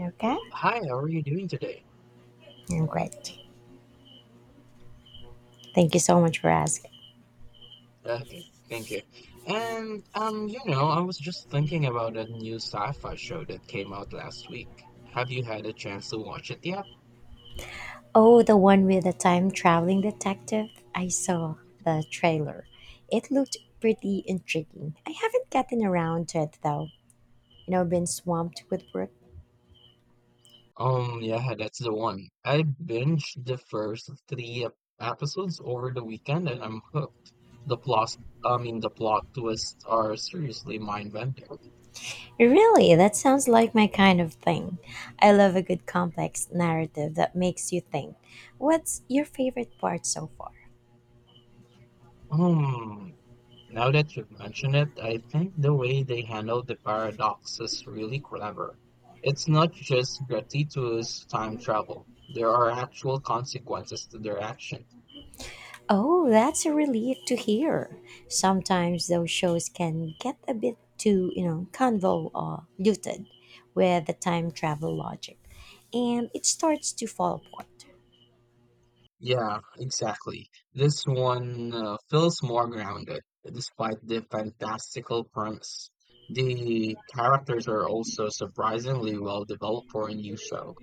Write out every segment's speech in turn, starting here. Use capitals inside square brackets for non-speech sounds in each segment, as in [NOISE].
Okay? Hi, how are you doing today? Mm, great. Thank you so much for asking. Okay, thank you. I was just thinking about a new sci-fi show that came out last week. Have you had a chance to watch it yet? Oh, the one with the time traveling detective? I saw the trailer. It looked pretty intriguing. I haven't gotten around to it though. You know, been swamped with work. Yeah, that's the one. I binged the first three episodes over the weekend and I'm hooked. The plot, the plot twists are seriously mind-bending. Really, that sounds like my kind of thing. I love a good complex narrative that makes you think. What's your favorite part so far? Um, Now that you've mentioned it, I think the way they handle the paradox is really clever. It's not just gratuitous time travel. There are actual consequences to their action. Oh, that's a relief to hear. Sometimes those shows can get a bit too, you know, convo or looted with the time travel logic, and it starts to fall apart. Yeah, exactly. This one feels more grounded, despite the fantastical premise. The characters are also surprisingly well developed for a new show.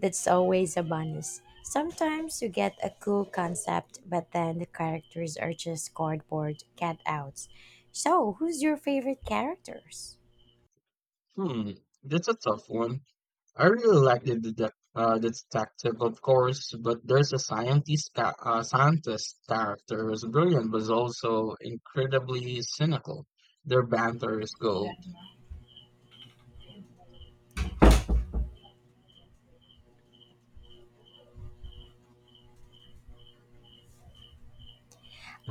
That's always a bonus. Sometimes you get a cool concept, but then the characters are just cardboard cutouts. So, who's your favorite characters? Hmm, that's a tough one. I really like the the detective, of course, but there's a scientist character who's brilliant, but is also incredibly cynical. Their banter is gold.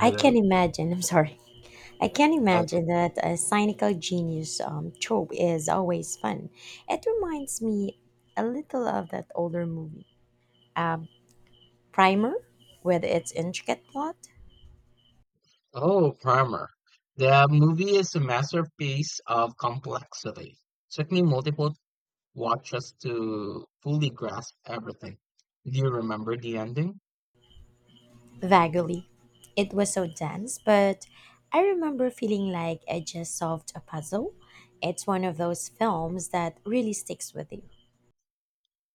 I can imagine. [LAUGHS] I'm sorry. I can Uh, imagine that a cynical genius trope is always fun. It reminds me a little of that older movie, um, Primer, with its intricate plot. Oh, Primer. The movie is a masterpiece of complexity. Took me multiple watches to fully grasp everything. Do you remember the ending? Vaguely, it was so dense, but I remember feeling like I just solved a puzzle. It's one of those films that really sticks with you.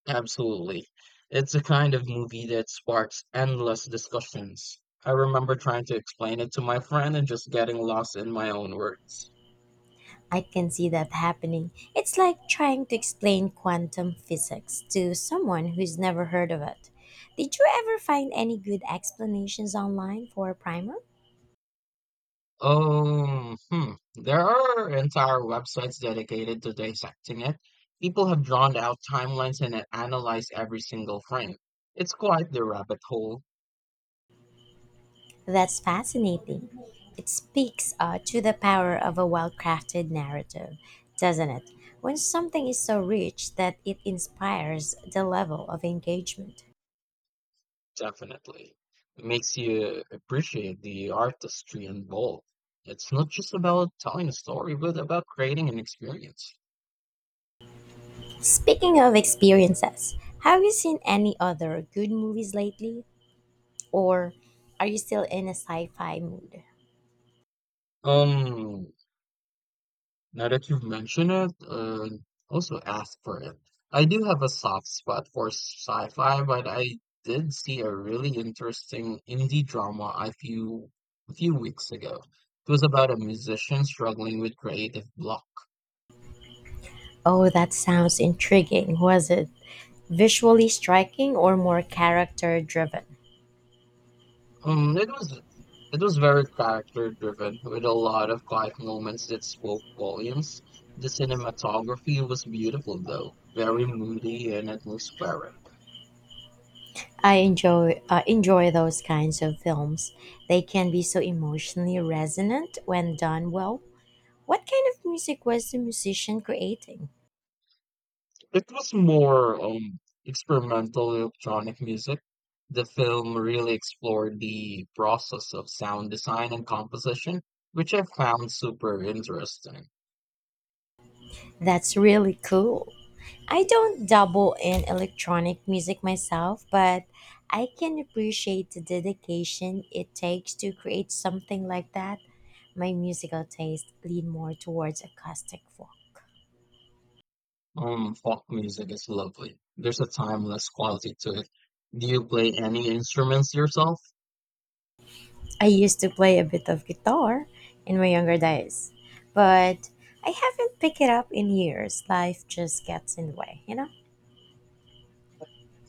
Absolutely. It's the kind of movie that sparks endless discussions. I remember trying to explain it to my friend and just getting lost in my own words. I can see that happening. It's like trying to explain quantum physics to someone who's never heard of it. Did you ever find any good explanations online for a primer? Hmm. There are entire websites dedicated to dissecting it. People have drawn out timelines and analyzed every single frame. It's quite the rabbit hole, That's fascinating. It speaks to the power of a well crafted narrative, doesn't it? When something is so rich that it inspires the level of engagement. definitely. It makes you appreciate the artistry involved. It's not just about telling a story, but about creating an experience. Speaking of experiences, have you seen any other good movies lately? Or are you still in a sci fi mood? Um, Now that you've mentioned it, also asked for it. I do have a soft spot for sci-fi, but I did see a really interesting indie drama a few weeks ago. It was about a musician struggling with creative block. Oh, that sounds intriguing. Was it visually striking or more character driven? Um, it was it was very character driven with a lot of quiet moments that spoke volumes. The cinematography was beautiful though, very moody and atmospheric. I enjoy those kinds of films. They can be so emotionally resonant when done well. What kind of music was the musician creating? It was more experimental electronic music. The film really explored the process of sound design and composition, which I found super interesting. That's really cool. I don't dabble in electronic music myself, but I can appreciate the dedication it takes to create something like that. My musical taste lean more towards acoustic folk. Folk music is lovely. There's a timeless quality to it. Do you play any instruments yourself? I used to play a bit of guitar in my younger days, but I haven't picked it up in years. Life just gets in the way, you know?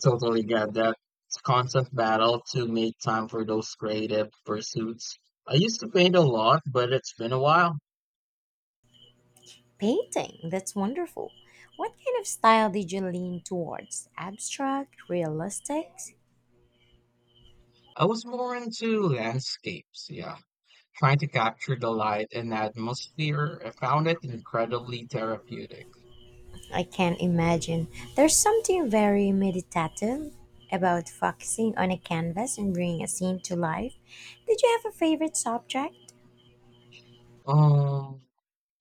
Totally get that. It's a constant battle to make time for those creative pursuits. I used to paint a lot, but it's been a while. Painting, that's wonderful. What kind of style did you lean towards? Abstract, realistic? I was more into landscapes, yeah, trying to capture the light and atmosphere. I found it incredibly therapeutic. I can imagine. There's something very meditative about focusing on a canvas and bringing a scene to life. Did you have a favorite subject? Um,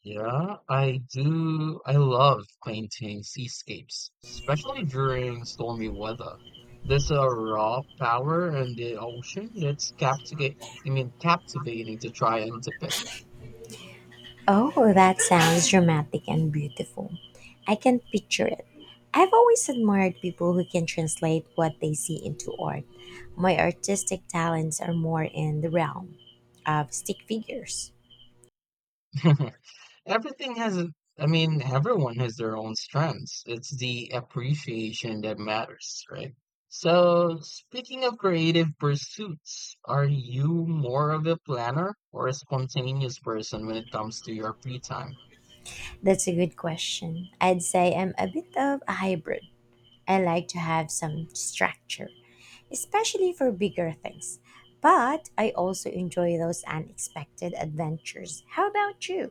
yeah, I do. I love painting seascapes, especially during stormy weather. There's a raw power in the ocean that's captivate. I mean, captivating to try and depict. Oh, that sounds dramatic and beautiful. I can picture it. I've always admired people who can translate what they see into art. My artistic talents are more in the realm of stick figures. [LAUGHS] Everything has, a- I mean, Everyone has their own strengths. It's the appreciation that matters, right? So, speaking of creative pursuits, are you more of a planner or a spontaneous person when it comes to your free time? That's a good question. I'd say I'm a bit of a hybrid. I like to have some structure, especially for bigger things. But I also enjoy those unexpected adventures. How about you?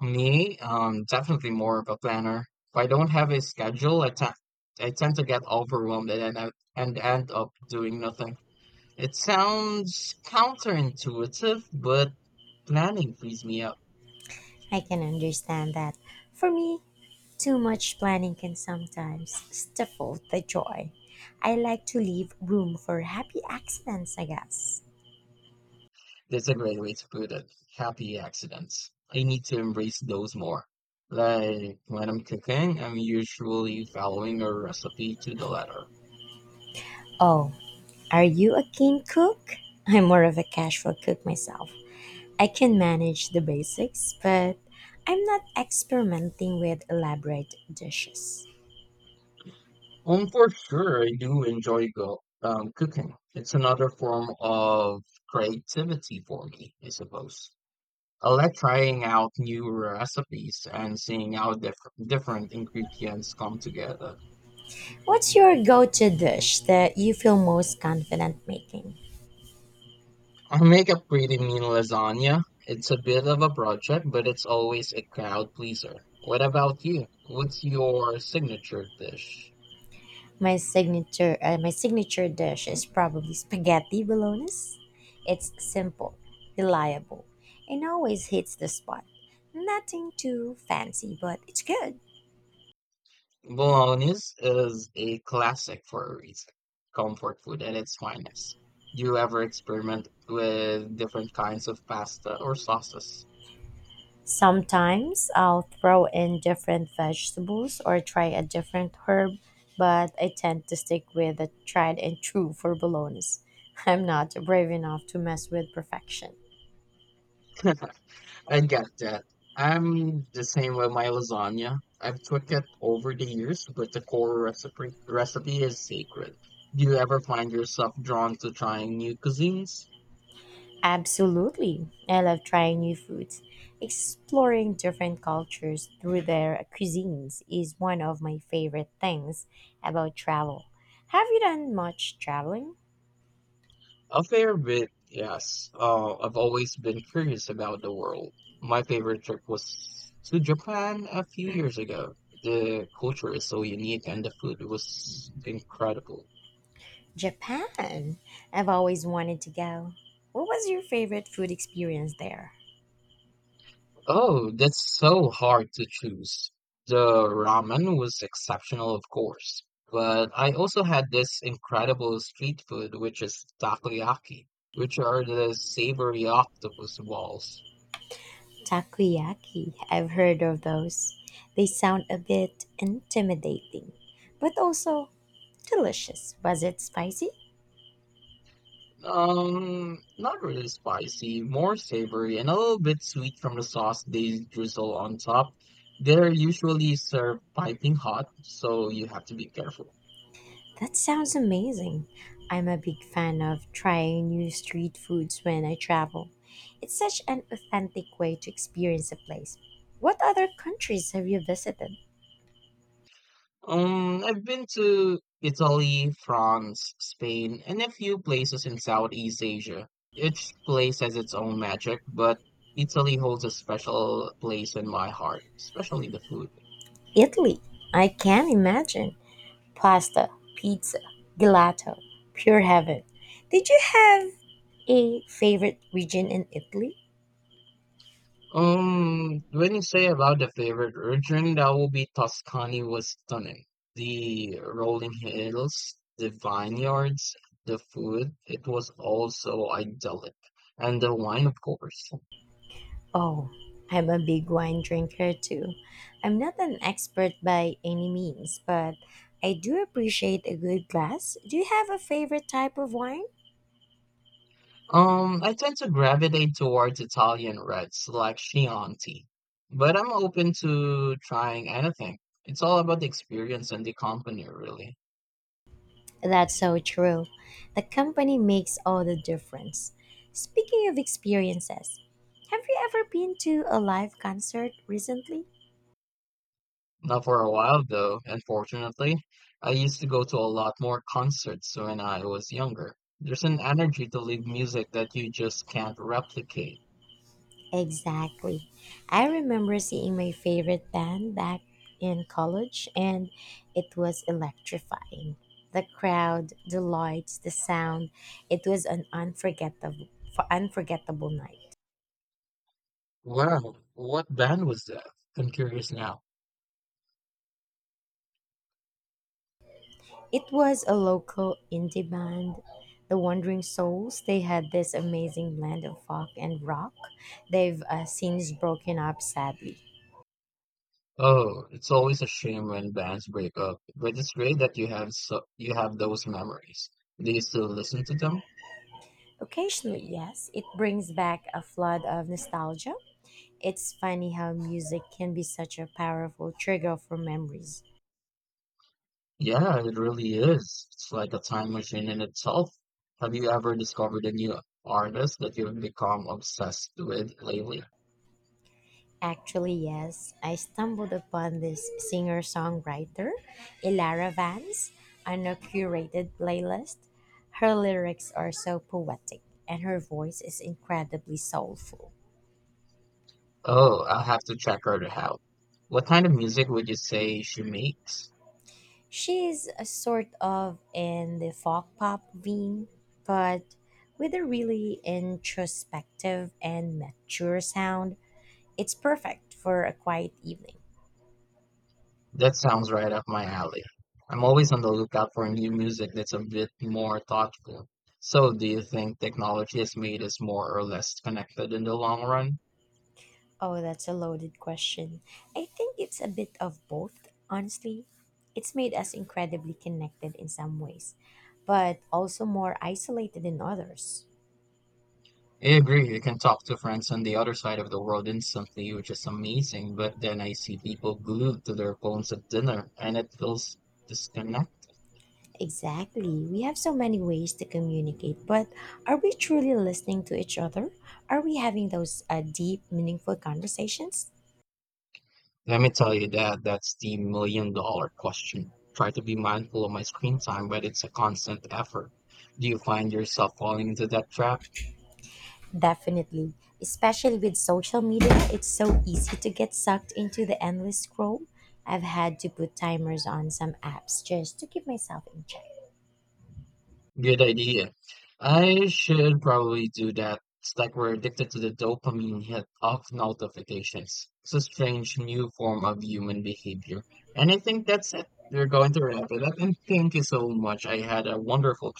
Me, definitely more of a planner. If I don't have a schedule, I tend to get overwhelmed and end up doing nothing. It sounds counterintuitive, but planning frees me up. I can understand that. For me, too much planning can sometimes stifle the joy. I like to leave room for happy accidents, I guess. That's a great way to put it. Happy accidents. I need to embrace those more. Like when I'm cooking, I'm usually following a recipe to the letter. Oh, are you a keen cook? [LAUGHS] I'm more of a casual cook myself. I can manage the basics, but I'm not experimenting with elaborate dishes. For sure, I do enjoy go cooking. It's another form of creativity for me, I suppose. I like trying out new recipes and seeing how different ingredients come together. What's your go-to dish that you feel most confident making? I make a pretty mean lasagna. It's a bit of a project, but it's always a crowd pleaser. What about you? What's your signature dish? My signature dish is probably spaghetti bolognese. It's simple, reliable, and always hits the spot. Nothing too fancy, but it's good. Bolognese is a classic for a reason. Comfort food at its finest. Do you ever experiment with different kinds of pasta or sauces? Sometimes I'll throw in different vegetables or try a different herb, but I tend to stick with the tried and true for bolognese. [LAUGHS] I'm not brave enough to mess with perfection. I get that. I'm the same with my lasagna. I've cooked it over the years, but the core recipe is sacred. Do you ever find yourself drawn to trying new cuisines? Absolutely. I love trying new foods. Exploring different cultures through their cuisines is one of my favorite things about travel. Have you done much traveling? A fair bit, yes. I've always been curious about the world. My favorite trip was to Japan a few years ago. The culture is so unique and the food was incredible. Japan. I've always wanted to go. What was your favorite food experience there? Oh, that's so hard to choose. The ramen was exceptional, of course, but I also had this incredible street food, which is takoyaki, which are the savory octopus balls. Takoyaki. I've heard of those. They sound a bit intimidating, but also delicious. Was it spicy? Not really spicy, more savory, and a little bit sweet from the sauce they drizzle on top. They're usually served piping hot, so you have to be careful. That sounds amazing. I'm a big fan of trying new street foods when I travel. It's such an authentic way to experience a place. What other countries have you visited? I've been to Italy, France, Spain, and a few places in Southeast Asia. Each place has its own magic, but Italy holds a special place in my heart, especially the food. Italy. I can imagine. Pasta, pizza, gelato, pure heaven. Did you have a favorite region in Italy? When you say about the favorite region, that will be Tuscany was stunning. The rolling hills, the vineyards, the food, it was all so idyllic. And the wine, of course. Oh, I'm a big wine drinker too. I'm not an expert by any means, but I do appreciate a good glass. Do you have a favorite type of wine? I tend to gravitate towards Italian reds like Chianti, but I'm open to trying anything. It's all about the experience and the company, really. That's so true. The company makes all the difference. Speaking of experiences, have you ever been to a live concert recently? Now, for a while though, unfortunately, I used to go to a lot more concerts when I was younger. There's an energy to live music that you just can't replicate. Exactly. I remember seeing my favorite band back in college, and it was electrifying. The crowd, the lights, the sound. It was an unforgettable night. Wow, what band was that? I'm curious now. It was a local indie band, the Wandering Souls. They had this amazing blend of folk and rock. They've since broken up, sadly. Oh, it's always a shame when bands break up, but it's great that you have those memories. Do you still listen to them? Occasionally, yes, it brings back a flood of nostalgia. It's funny how music can be such a powerful trigger for memories. Yeah, it really is. It's like a time machine in itself. Have you ever discovered a new artist that you've become obsessed with lately? Actually, yes, I stumbled upon this singer songwriter, Ilara Vance, on a curated playlist. Her lyrics are so poetic, and her voice is incredibly soulful. Oh, I'll have to check her out. What kind of music would you say she makes? She's a sort of in the folk pop vein, but with a really introspective and mature sound. It's perfect for a quiet evening. That sounds right up my alley. I'm always on the lookout for new music that's a bit more thoughtful. So, do you think technology has made us more or less connected in the long run? Oh, that's a loaded question. I think it's a bit of both, honestly. It's made us incredibly connected in some ways, but also more isolated in others. I agree, you can talk to friends on the other side of the world instantly, which is amazing, but then I see people glued to their phones at dinner and it feels disconnected. Exactly. We have so many ways to communicate, but are we truly listening to each other? Are we having those deep, meaningful conversations? Let me tell you that that's the million dollar question. Try to be mindful of my screen time, but it's a constant effort. Do you find yourself falling into that trap? Definitely. Especially with social media, it's so easy to get sucked into the endless scroll. I've had to put timers on some apps just to keep myself in check. Good idea. I should probably do that. It's like we're addicted to the dopamine hit of notifications. It's a strange new form of human behavior. And I think that's it. We're going to wrap it up. And thank you so much. I had a wonderful time.